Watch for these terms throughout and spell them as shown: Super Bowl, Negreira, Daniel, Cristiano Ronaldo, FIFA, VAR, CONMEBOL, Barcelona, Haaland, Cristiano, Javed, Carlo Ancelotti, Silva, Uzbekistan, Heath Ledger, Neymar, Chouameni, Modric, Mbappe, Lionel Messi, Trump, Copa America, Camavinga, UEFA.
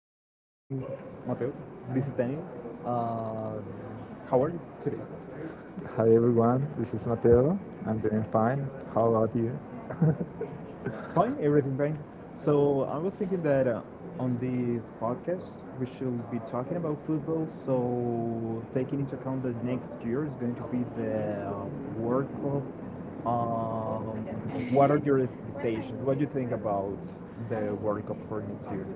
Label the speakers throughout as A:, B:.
A: hello, good morning, Mateo. This is Daniel. Uh, how are you today?
B: Hi everyone, this is Mateo. I'm doing fine. How about you?
A: Fine, everything fine. So, I was thinking that on this podcast, we should be talking about football. So, taking into account that next year is going to be the World Cup, um, what are your expectations? What do you think about the World Cup for next year?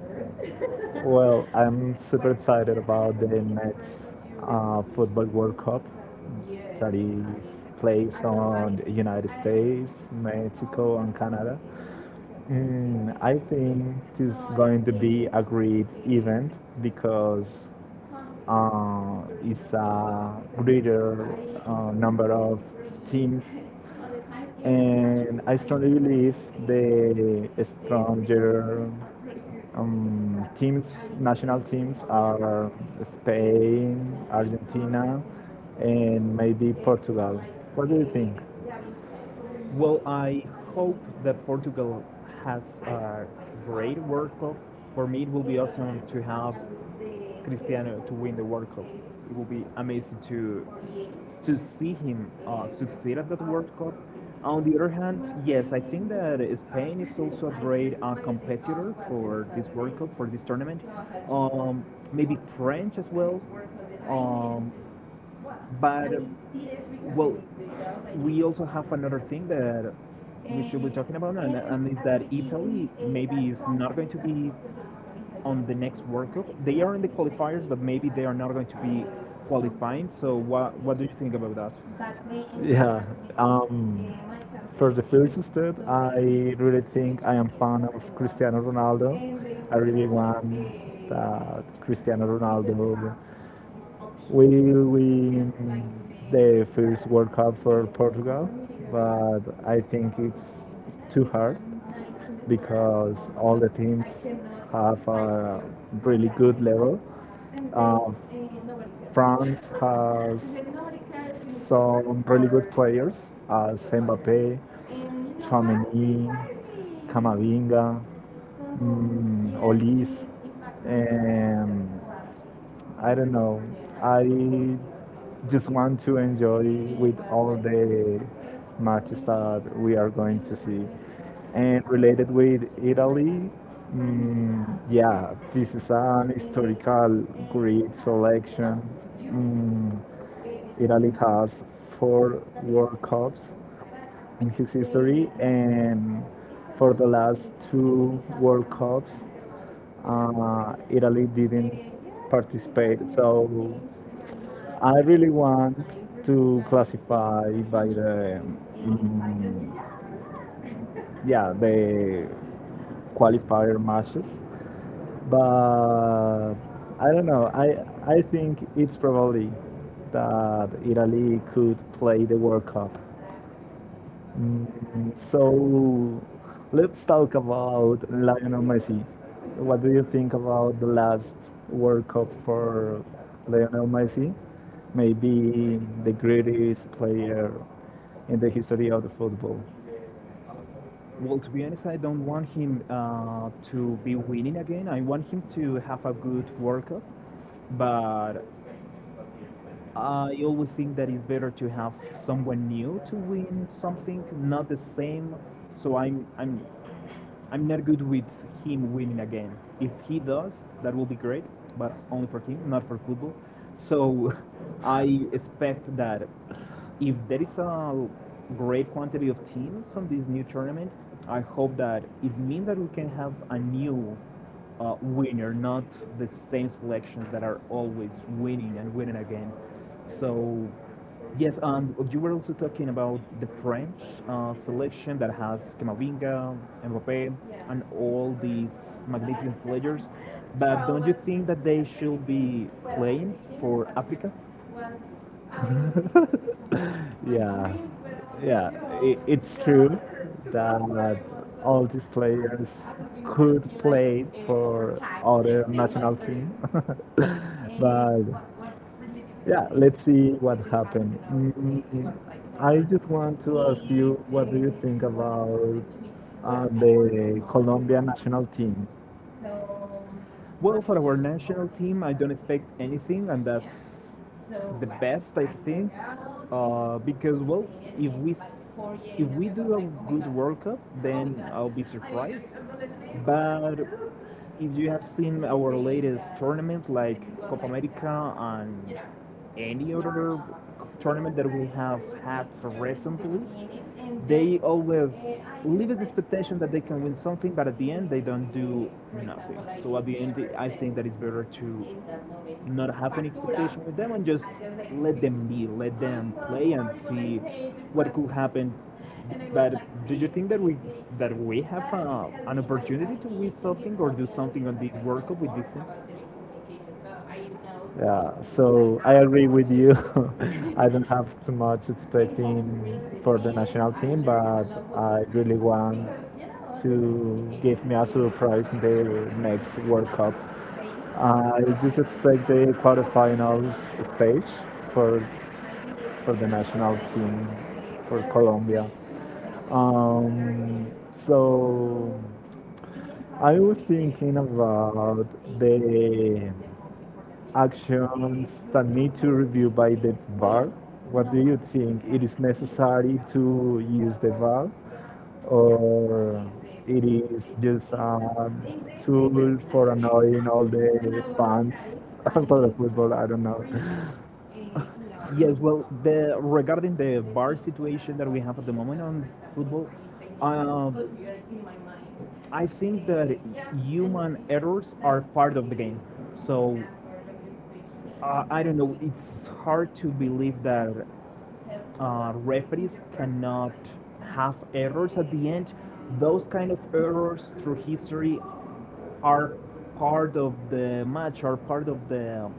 B: Well, I'm super excited about the next Football World Cup that is placed on the United States, Mexico, and Canada. I think this is going to be a great event because is a greater number of teams. And I strongly believe the stronger teams, national teams, are Spain, Argentina, and maybe Portugal. What do you think?
A: Well, I hope that Portugal has a great World Cup. For me, it will be awesome to have Cristiano to win the World Cup. It will be amazing to see him succeed at that World Cup. On the other hand, yes, I think that Spain is also a great competitor for this World Cup, for this tournament. Um, Maybe French as well. Um, but well, we also have another thing that we should be talking about, and is that Italy maybe is not going to be on the next World Cup. They are in the qualifiers, but maybe they are not going to be qualifying. So what do you think about that?
B: Yeah. Um, for the first step, I really think I am fan of Cristiano Ronaldo. I really want that Cristiano Ronaldo will win the first World Cup for Portugal, but I think it's too hard because all the teams have a really good level. Uh, France has some really good players as Mbappe, Chouameni, Camavinga, Olis, and I don't know. I just want to enjoy with all the matches that we are going to see. And related with Italy, yeah, this is an historical great selection. Mm, Italy has four World Cups in his history, and for the last two World Cups, Italy didn't participate. So I really want to classify by the um, yeah the qualifier matches, but I don't know. I think it's probably that Italy could play the World Cup. So let's talk about Lionel Messi. What do you think about the last World Cup for Lionel Messi? Maybe the greatest player in the history of the football.
A: Well, to be honest, I don't want him to be winning again. I want him to have a good World Cup, but I always think that it's better to have someone new to win something, not the same. So I'm not good with him winning again. If he does, that will be great, but only for him, not for football. So I expect that if there is a great quantity of teams on this new tournament, I hope that it means that we can have a new winner, not the same selections that are always winning and winning again. So, yes, and you were also talking about the French selection that has Camavinga, Mbappe, and all these magnificent players. But don't you think that they should be playing for Africa?
B: Yeah, yeah, I it's true that all these players could play for other national team, but yeah, let's see what happened. I just want to ask you, what do you think about the Colombia national team?
A: Well, for our national team, I don't expect anything, and that's the best I think, because well, if we s- if we do a good World Cup, then I'll be surprised. But if you have seen our latest tournaments like Copa America and any other tournament that we have had recently, they always leave the expectation that they can win something, but at the end they don't do nothing. So at the end, I think that it's better to not have an expectation with them and just let them be, let them play and see what could happen. But do you think that we have an opportunity to win something or do something on this World Cup with this team?
B: Yeah, so I agree with you. I don't have too much expecting for the national team, but I really want to give me a surprise in the next World Cup. I just expect the quarterfinals stage for for the national team for Colombia. So I was thinking about the actions that need to review by the VAR. What do you think? It is necessary to use the VAR, or it is just a tool for annoying all the fans for the football? I don't know.
A: Yes, well, the regarding the VAR situation that we have at the moment on football, um, I think that human errors are part of the game. So I don't know, it's hard to believe that referees cannot have errors at the end. Those kind of errors through history are part of the match, are part of the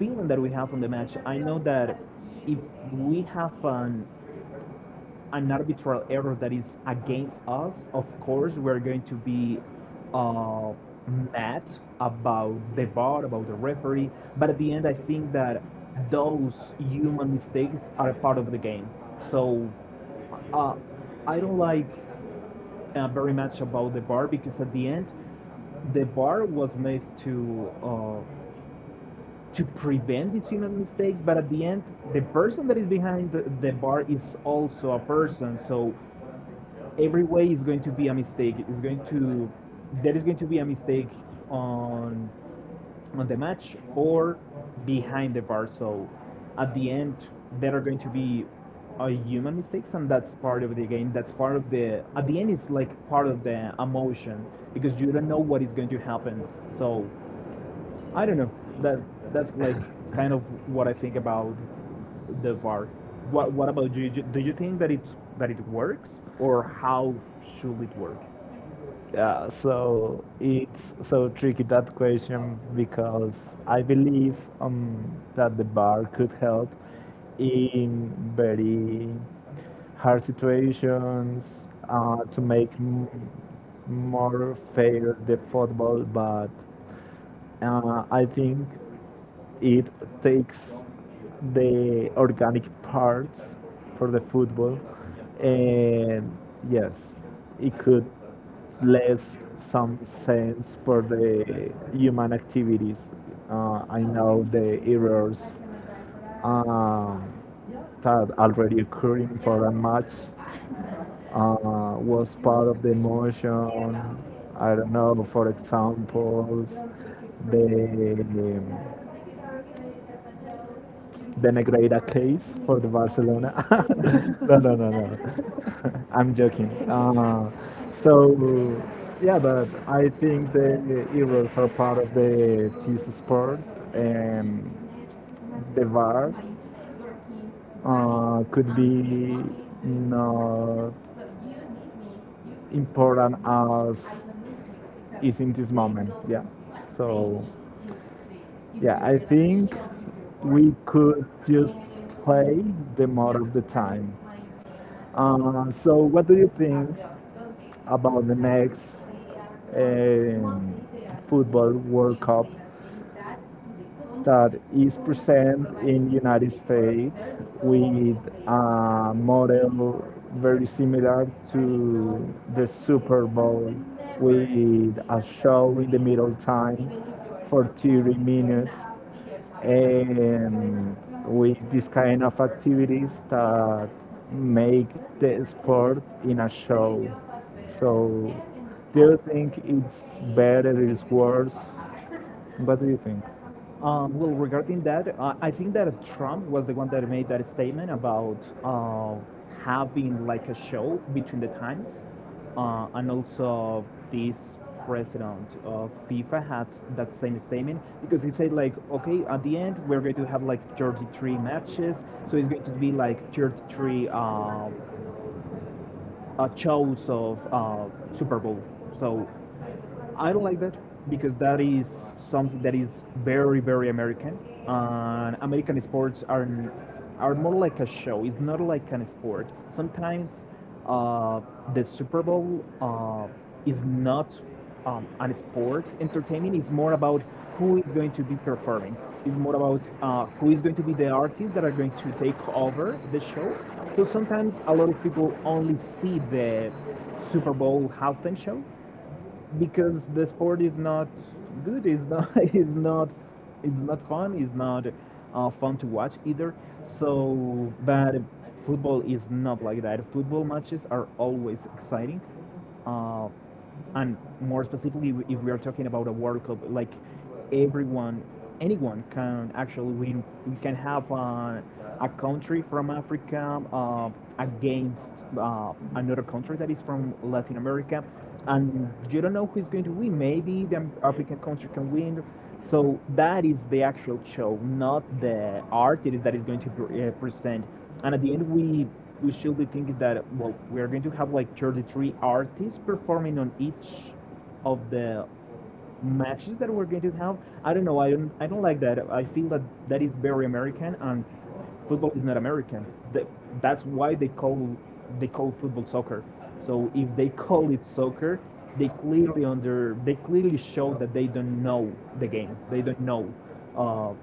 A: feeling that we have on the match. I know that if we have an arbitral error that is against us, of course, we're going to be uh, mad about the bar, about the referee. But at the end, I think that those human mistakes are a part of the game. So uh, I don't like very much about the bar because at the end, the bar was made to prevent these human mistakes, but at the end, the person that is behind the bar is also a person. So every way is going to be a mistake. It's going to there is going to be a mistake on on the match or behind the bar. So at the end, there are going to be human mistakes, and that's part of the game. That's part of the at the end it's like part of the emotion because you don't know what is going to happen. So I don't know. That that's like kind of what I think about the bar. What about you? Do you think that it's that it works or how should it work?
B: Yeah, so it's so tricky that question because I believe that the bar could help in very hard situations to make more fair the football, but I think it takes the organic parts for the football, and yes, it could less some sense for the human activities. I know the errors um, that already occur in for a match was part of the emotion. I don't know, for examples, the the Negreira case for the Barcelona.
A: No,
B: No, no,
A: no.
B: no, no. I'm joking. So, yeah, but I think the heroes are part of the TC Sport and the VAR could be not important as is in this moment. Yeah. So, yeah, I think we could just play the more of the time. So, what do you think about the next um, football World Cup? That is present in United States with a model very similar to the Super Bowl with a show in the middle time for 30 minutes and with this kind of activities that make the sport in a show. So do you think it's better, it's worse? What do you think?
A: Well, regarding that, I think that Trump was the one that made that statement about uh, having like a show between the times, and also this president of FIFA had that same statement because he said like, okay, at the end we're going to have like 33 matches, so it's going to be like 33 shows of Super Bowl. So I don't like that because that is something that is very, very American. And American sports are more like a show. It's not like an sport. Sometimes uh, the Super Bowl is not an sport. Entertainment is more about who is going to be performing. It's more about who is going to be the artists that are going to take over the show. So sometimes a lot of people only see the Super Bowl halftime show, because the sport is not good is not is not it's not fun it's not fun to watch either so but football is not like that football matches are always exciting uh, and more specifically if we are talking about a world cup like everyone, anyone can actually win. We can have a country from Africa against another country that is from Latin America, and you don't know who's going to win. Maybe the African country can win. So that is the actual show, not the art it is that is going to present. And at the end, we should be thinking that well, we are going to have like 33 artists performing on each of the matches that we're going to have. I don't know. I don't. I don't like that. I feel that that is very American, and football is not American. The, that's why they call football soccer. So if they call it soccer, they clearly show that they don't know the game. They don't know uh,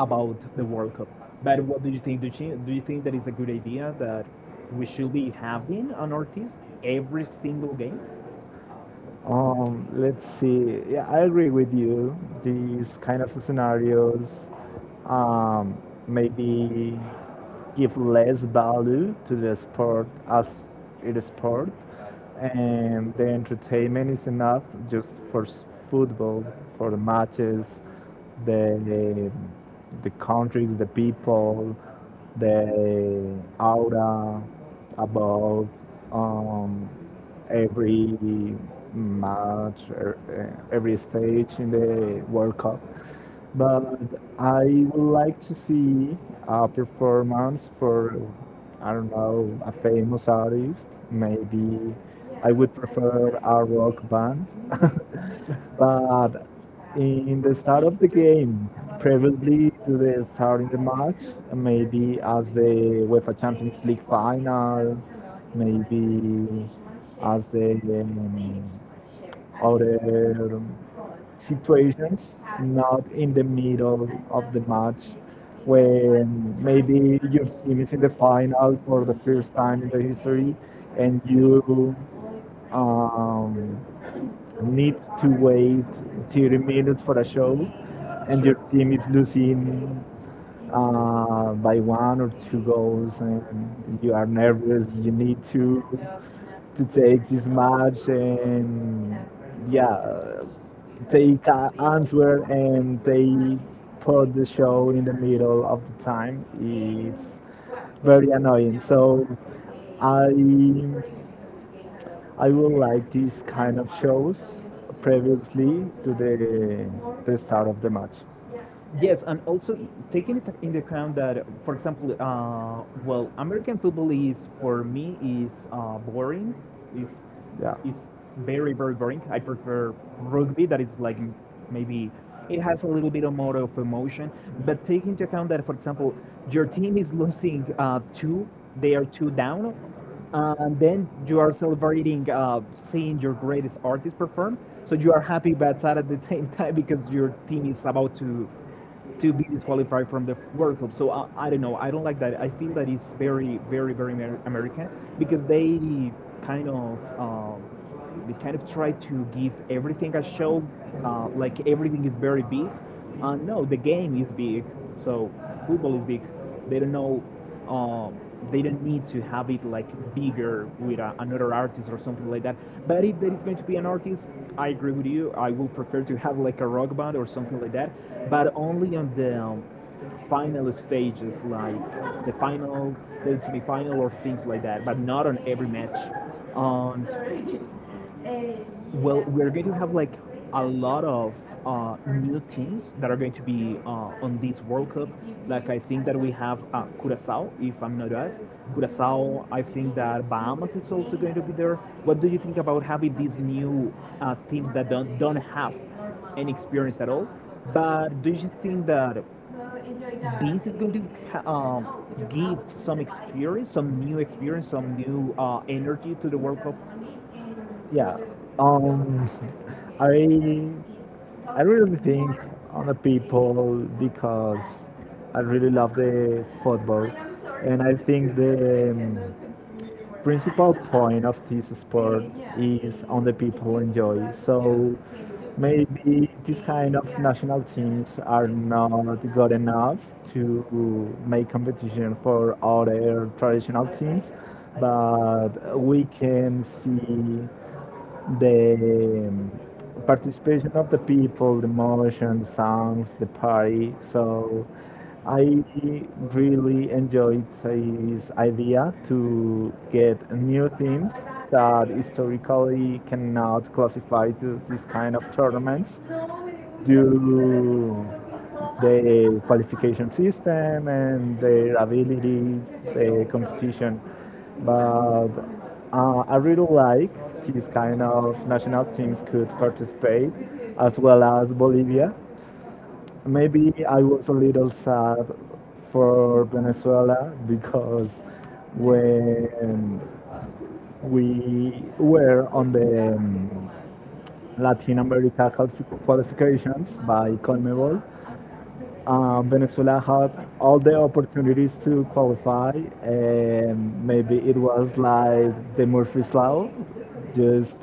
A: about the World Cup. But what do you think? Do you think that is a good idea that we should be having an artist every single game?
B: Let's see. Yeah, I agree with you. These kind of scenarios um, maybe give less value to the sport as it is sport, and the entertainment is enough just for football, for the matches, the the countries, the people, the aura about um, every match, every stage in the World Cup. But I would like to see a performance for, I don't know, a famous artist. Maybe I would prefer a rock band. But in the start of the game, previously to the starting the match, maybe as the UEFA Champions League final, maybe as the um, other situations, not in the middle of the match when maybe your team is in the final for the first time in the history and you um, need to wait 30 minutes for a show and your team is losing by one or two goals and you are nervous, you need to take this match and, yeah, take an answer, and they put the show in the middle of the time. It's very annoying, so i I will like these kind of shows previously to the start of the match.
A: Yes, and also taking it into account that, for example, well, American football is for me is boring. Is is very, very boring. I prefer rugby, that is like maybe it has a little bit of more of emotion. But take into account that, for example, your team is losing they are two down, and then you are celebrating seeing your greatest artist perform. So you are happy but sad at the same time because your team is about to be disqualified from the World Cup. So I don't know. I don't like that. I feel that it's very, very, very
B: Yeah.
A: American because they kind of um, they kind of try to give everything a show, like everything is very big. No, the game is big. So football is big. They don't know uh, they don't need to have it like bigger with a, another artist or something like that. But if there is going to be an artist, I agree with you. I will prefer to have like a rock band or something like that, but only on the final stages, like the final, the semi-final, or things like that. But not on every match. And well, we're going to have like a lot of new teams that are going to be on this World Cup. Like I think that we have Curacao, if I'm not right. Curacao. I think that Bahamas is also going to be there. What do you think about having these new teams that don't have any experience at all? But do you think that this is going to give some experience, some new energy to the World Cup?
B: Yeah. Um, I I really think on the people because I really love the football, and I think the principal point of this sport is on the people enjoy. So maybe these kind of national teams are not good enough to make competition for other traditional teams, but we can see the participation of the people, the motion, the songs, the party. So I really enjoyed his idea to get new themes that historically cannot classify to this kind of tournaments due the qualification system and their abilities, the competition. But I really like these kind of national teams could participate, as well as Bolivia. Maybe I was a little sad for Venezuela because when we were on the Latin America qualifications by CONMEBOL, Venezuela had all the opportunities to qualify, and maybe it was like the Murphy's Law, just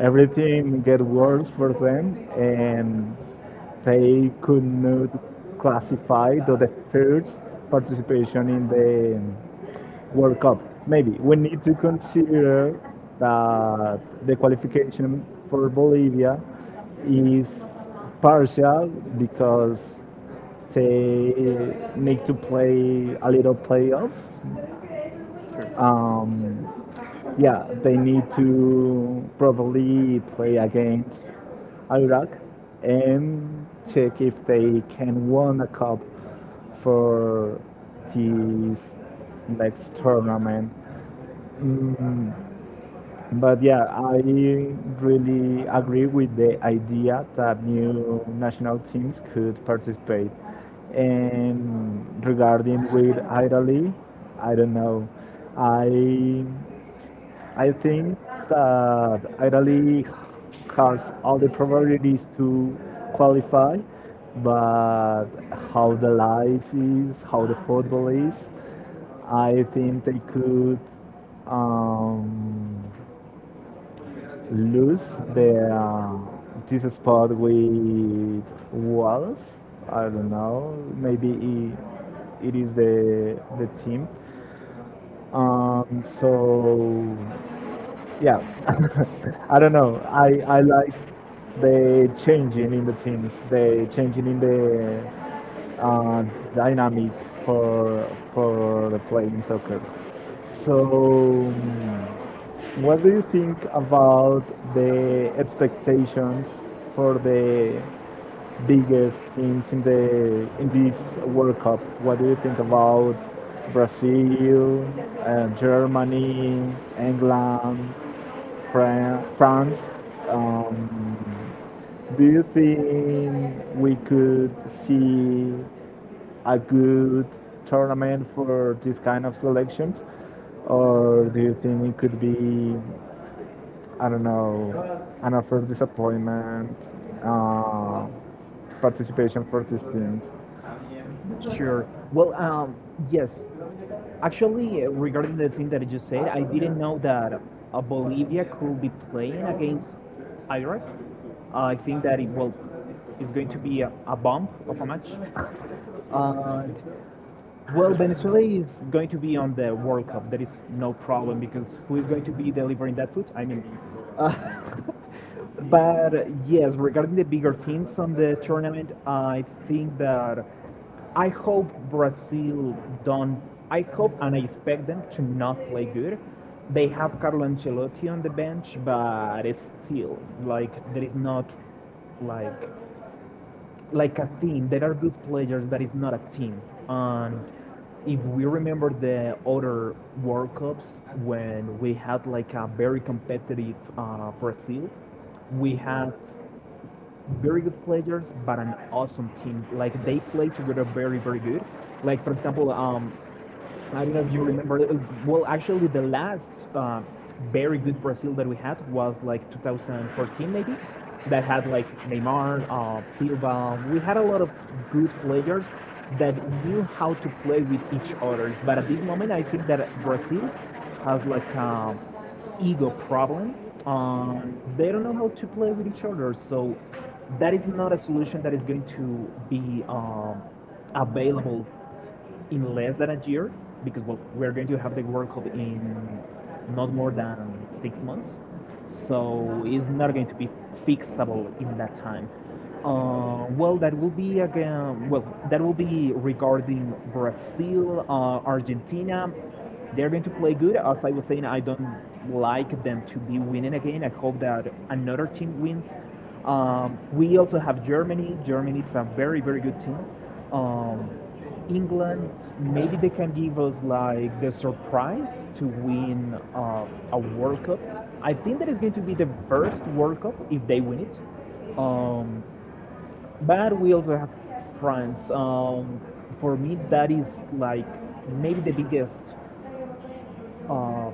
B: everything get worse for them, and they could not classify to the first participation in the World Cup. Maybe we need to consider that the qualification for Bolivia is partial because they need to play a little playoffs.
A: Sure.
B: Um, yeah, they need to probably play against Iraq and check if they can win a cup for this next tournament. Mm, but yeah, I really agree with the idea that new national teams could participate. And regarding with Italy, I don't know. I I think that Italy has all the probabilities to qualify, but how the life is, how the football is, I think they could um, lose the this spot with walls. I don't know. Maybe it is the team. So yeah, I don't know. I like the changing in the teams, the changing in the uh, dynamic for the playing soccer. So, what do you think about the expectations for the biggest teams in the in this World Cup? What do you think about Brazil, Germany, England? France. Um, do you think we could see a good tournament for this kind of selections? Or do you think it could be, I don't know, an offer disappointment uh, participation for these teams?
A: Sure. Well, yes. Actually, regarding the thing that you just said, I didn't know that Bolivia could be playing against Iraq. I think that it will is going to be a bump of a match. And well, Venezuela is going to be on the World Cup. There is no problem because who is going to be delivering that food? I mean, uh, But yes, regarding the bigger teams on the tournament, I think that I hope Brazil don't. I hope and I expect them to not play good. They have Carlo Ancelotti on the bench, but still, like there is not like like a team. There are good players, but it's not a team. And if we remember the other World Cups when we had like a very competitive Brazil, we had very good players, but an awesome team. Like they play together very, very good. Like for example, I don't know if you remember. The last very good Brazil that we had was like 2014, maybe. That had like Neymar, Silva. We had a lot of good players that knew how to play with each other. But at this moment, I think that Brazil has like a ego problem. They don't know how to play with each other. So that is not a solution that is going to be available in less than a year because well we're going to have the World Cup in not more than 6 months, so it's not going to be fixable in that time. Well, that will be again. Well, that will be regarding Brazil, Argentina. They're going to play good. As I was saying, I don't like them to be winning again. I hope that another team wins. We also have Germany. Germany is a very, very good team. Um, England, maybe they can give us like the surprise to win a World Cup. I think that is going to be the first World Cup if they win it. Um, but we also have France. For me, that is like maybe uh,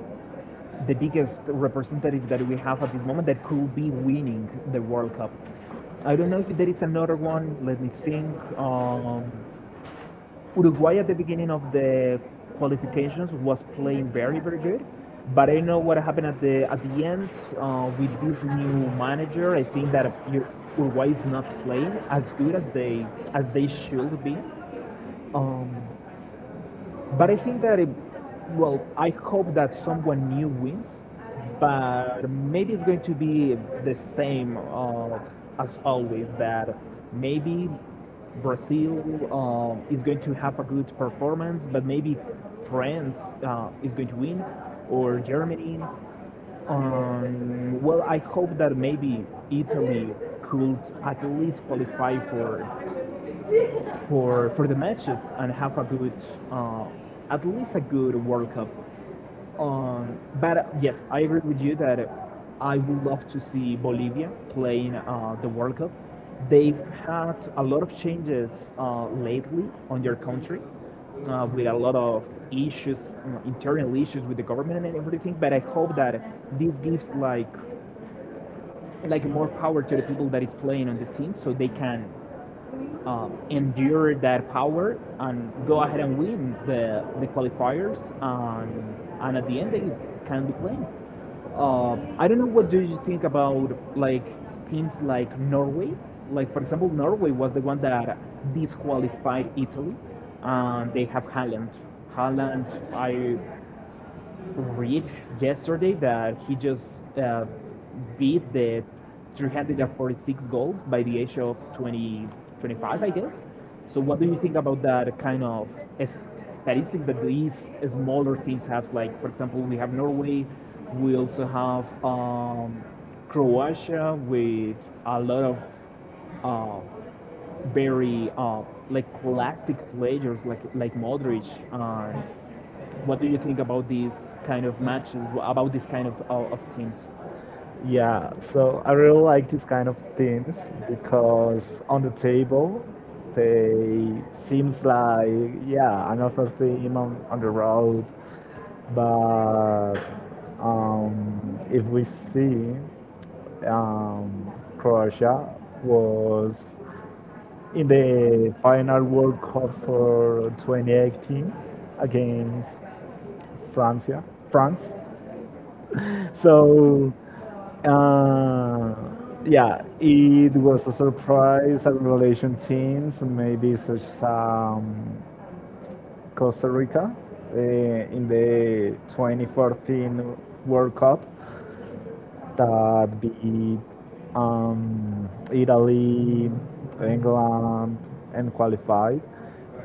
A: the biggest representative that we have at this moment that could be winning the World Cup. I don't know if there is another one. Let me think. Uruguay at the beginning of the qualifications was playing very, very good. But I don't know what happened at the end with this new manager. I think that Uruguay is not playing as good as they should be. Um, but I think that it, well, I hope that someone new wins, but maybe it's going to be the same as always. That maybe Brazil is going to have a good performance, but maybe France is going to win, or Germany. Well, I hope that maybe Italy could at least qualify for for the matches and have a good, uh, at least a good World Cup. But Yes, I agree with you that I would love to see Bolivia playing the World Cup. They've had a lot of changes lately on their country with a lot of issues, internal issues with the government and everything. But I hope that this gives like more power to the people that is playing on the team, so they can endure that power and go ahead and win the qualifiers and at the end they can be playing. I don't know what do you think about like teams like Norway. Like for example, Norway was the one that disqualified Italy, and they have Haaland. Haaland, I read yesterday that he just uh, beat the 346 goals by the age of 20, 25, I guess. So, what do you think about that kind of statistics that these smaller teams have? Like, for example, we have Norway, we also have Croatia with a lot of uh, very like classic players like Modric and what do you think about these kind of matches? About this kind of of teams?
B: Yeah, so I really like these kind of things because on the table they seems like, yeah, another theme on the road, but if we see um, Croatia was in the final World Cup for 2018 against Francia, France. So, uh, yeah, it was a surprise and revelation teams, maybe such as Costa Rica in the 2014 World Cup that beat Italy, England, and qualified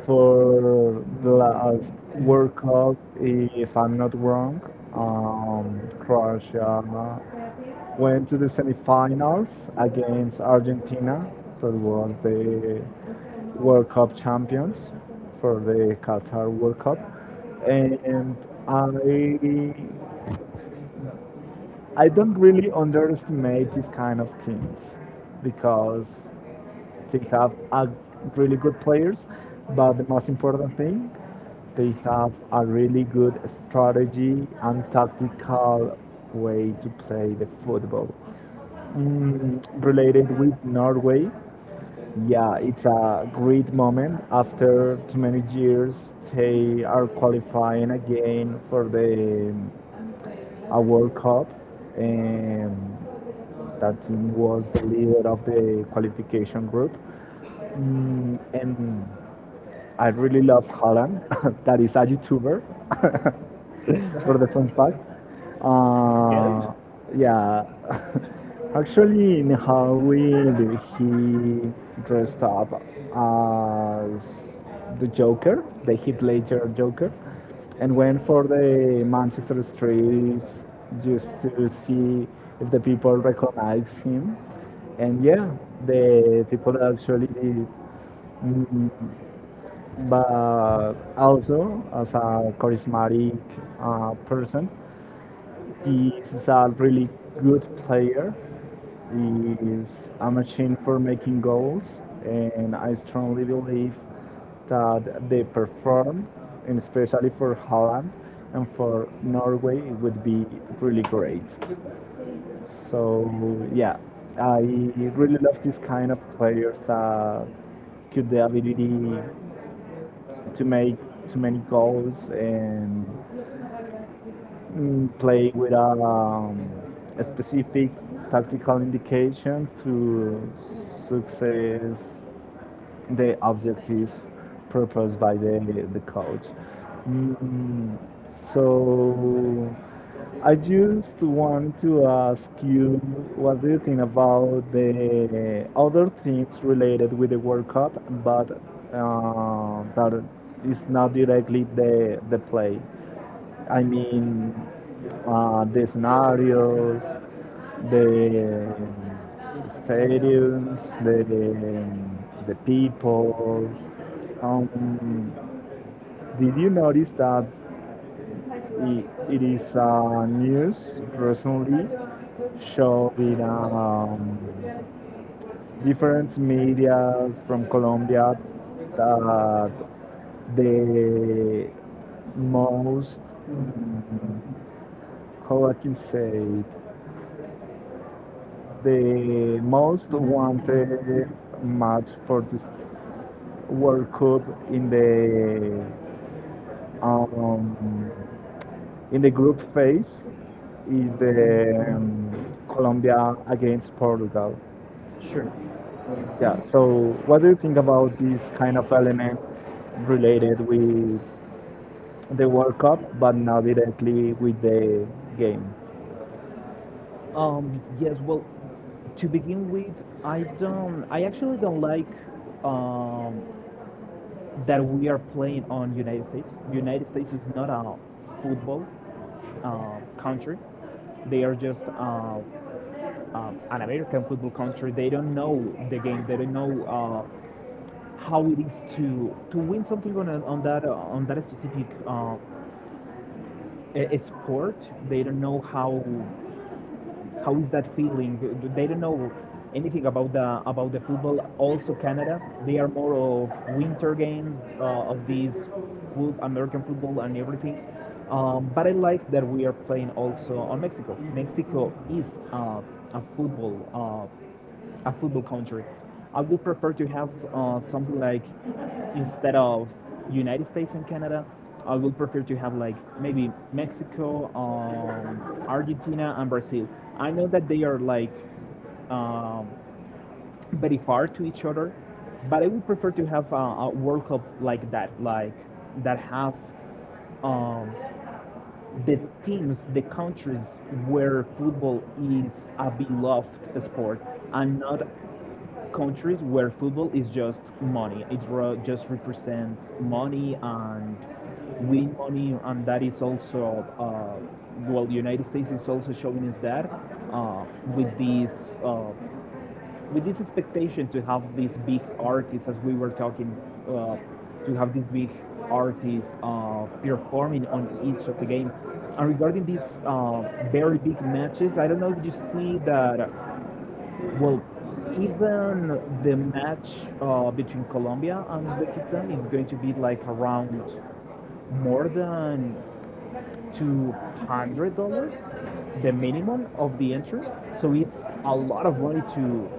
B: for the last World Cup, if I'm not wrong. Croatia went to the semifinals against Argentina, that was the World Cup champions for the Qatar World Cup. And I I don't really underestimate these kind of teams because they have a really good players, but the most important thing, they have a really good strategy and tactical way to play the football. Related with Norway, yeah, it's a great moment. After too many years, they are qualifying again for the a World Cup, and that team was the leader of the qualification group. And I really love Holland, that is a YouTuber. For the fun fact.
A: Yes.
B: Uh, yeah, actually, in Halloween he dressed up as the Joker, the Heath Ledger Joker, and went for the Manchester streets just to see if the people recognize him. And yeah, the people actually did. mm, but also as a charismatic person. This is a really good player. He is a machine for making goals, and I strongly believe that they perform, and especially for Holland and for Norway, it would be really great. So yeah, I really love this kind of players that could the ability to make too many goals and play without a specific tactical indication to success the objectives proposed by the coach. Mm, so I just want to ask you, what do you think about the other things related with the World Cup, but that is not directly the play? I mean, the scenarios, the stadiums, the people. Um, did you notice that it is news recently showing different media from Colombia that the most, how I can say it, the most wanted match for this World Cup in the um, in the group phase is the Colombia against Portugal.
A: Sure.
B: Yeah. So, what do you think about these kind of elements related with the World Cup, but not directly with the game?
A: Yes. Well, to begin with, I actually don't like um, that we are playing on United States. United States is not a football country. They are just an American football country. They don't know the game. They don't know uh, how it is to win something on a, on that specific sport. They don't know how is that feeling? They don't know anything about the football. Also, Canada, they are more of winter games of these food, American football and everything. But I like that we are playing also on Mexico. Mexico is a football uh, country. I would prefer to have something like instead of United States and Canada, I would prefer to have like maybe Mexico, Argentina, and Brazil. I know that they are like um, very far to each other, but I would prefer to have a World Cup like that have um, the teams, the countries where football is a beloved sport, and not countries where football is just money. It just represents money and win money, and that is also well, the United States is also showing us that uh, with this uh, with this expectation to have these big artists, as we were talking, uh, to have these big artists performing on each of the game. And regarding these very big matches, I don't know if you see that well, even the match between Colombia and Uzbekistan is going to be like around more than $200, the minimum of the interest, so it's a lot of money to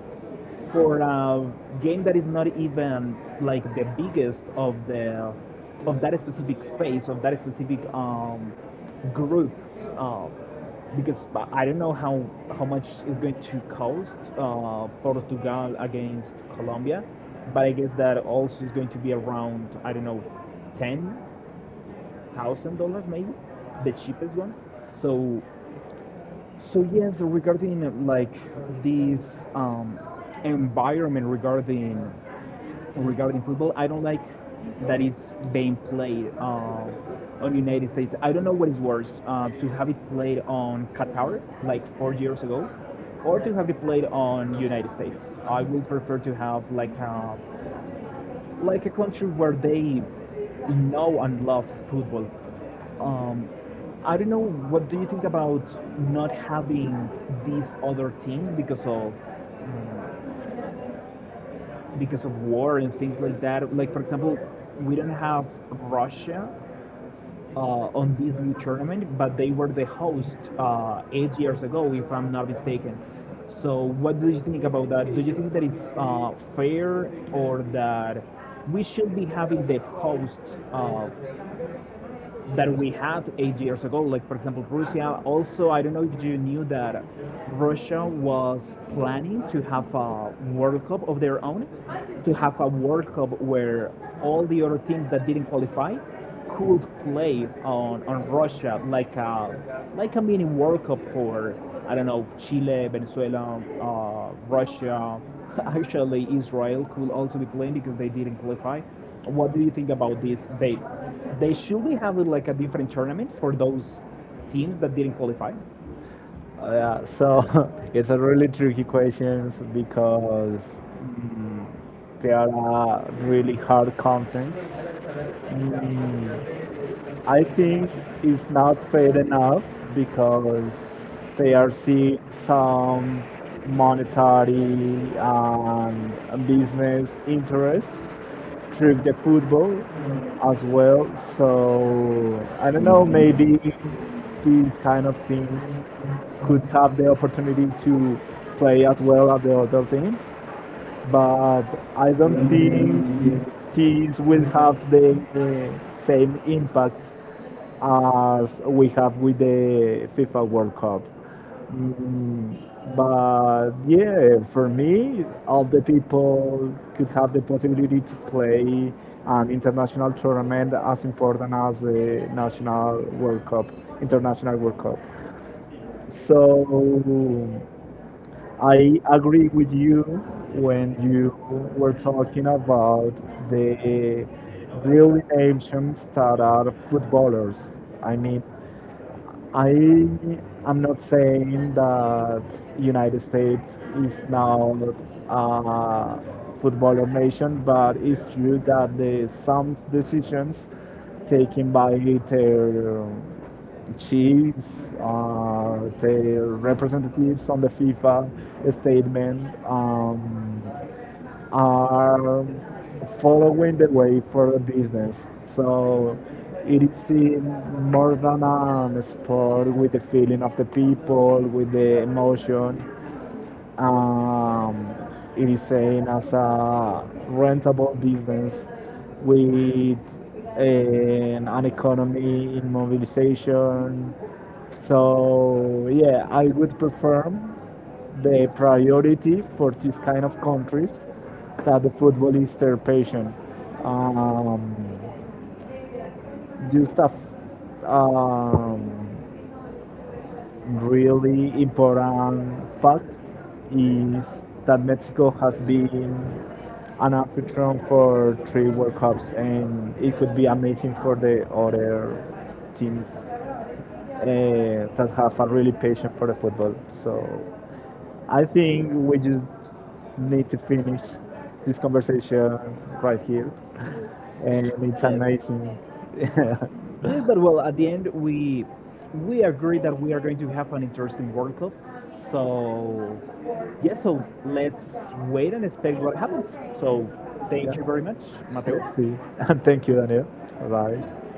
A: for a game that is not even like the biggest of the of that specific phase of that specific group uh, because don't know how much it's going to cost Portugal against Colombia, but I guess that also is going to be around I don't know, $10,000 maybe, the cheapest one. So so yes, regarding like this environment regarding regarding football, I don't like that is being played on United States. I don't know what is worse to have it played on Qatar like 4 years ago, or to have it played on United States. I would prefer to have like a country where they know and love football. Um, I don't know. What do you think about not having these other teams because of war and things like that? Like for example, we don't have Russia on this new tournament, but they were the host 8 years ago, if I'm not mistaken. So, what do you think about that? Do you think that it's fair or that we should be having the host uh, that we had 8 years ago. Like, for example, Russia. Also, I don't know if you knew that Russia was planning to have a World Cup of their own, to have a World Cup where all the other teams that didn't qualify could play on Russia, like like a mini World Cup for, I don't know, Chile, Venezuela, Russia. Actually, Israel could also be playing because they didn't qualify. What do you think about this? They should be having like a different tournament for those teams that didn't qualify.
B: Yeah, so it's a really tricky question because there are really hard contents. Mm, I think it's not fair enough because they are seeing some monetary and business interests through the football as well. So I don't know, maybe these kind of teams could have the opportunity to play as well as the other teams. But I don't think these will have the same impact as we have with the FIFA World Cup. Mm, but yeah, for me, all the people could have the possibility to play an international tournament as important as the national World Cup, international World Cup. So I agree with you when you were talking about the really nations that are footballers. I mean, I am not saying that United States is now a footballer nation, but it's true that the some decisions taken by their chiefs, their representatives on the FIFA statement. Are following the way for a business. So it is seen more than a sport with the feeling of the people, with the emotion. Um, it is seen as a rentable business with an economy in mobilization. So yeah, I would prefer the priority for this kind of countries that the football is their passion. Um, just a really important fact is that Mexico has been an African for three World Cups, and it could be amazing for the other teams that have a really passion for the football. So I think we just need to finish this conversation right here, and it's
A: Yes.
B: amazing.
A: Yes, but well, at the end, we agree that we are going to have an interesting World Cup. So, yes, so let's
B: let
A: wait and expect what happens. So, thank you very much, Mateo.
B: Let's see. And thank you, Daniel. Bye.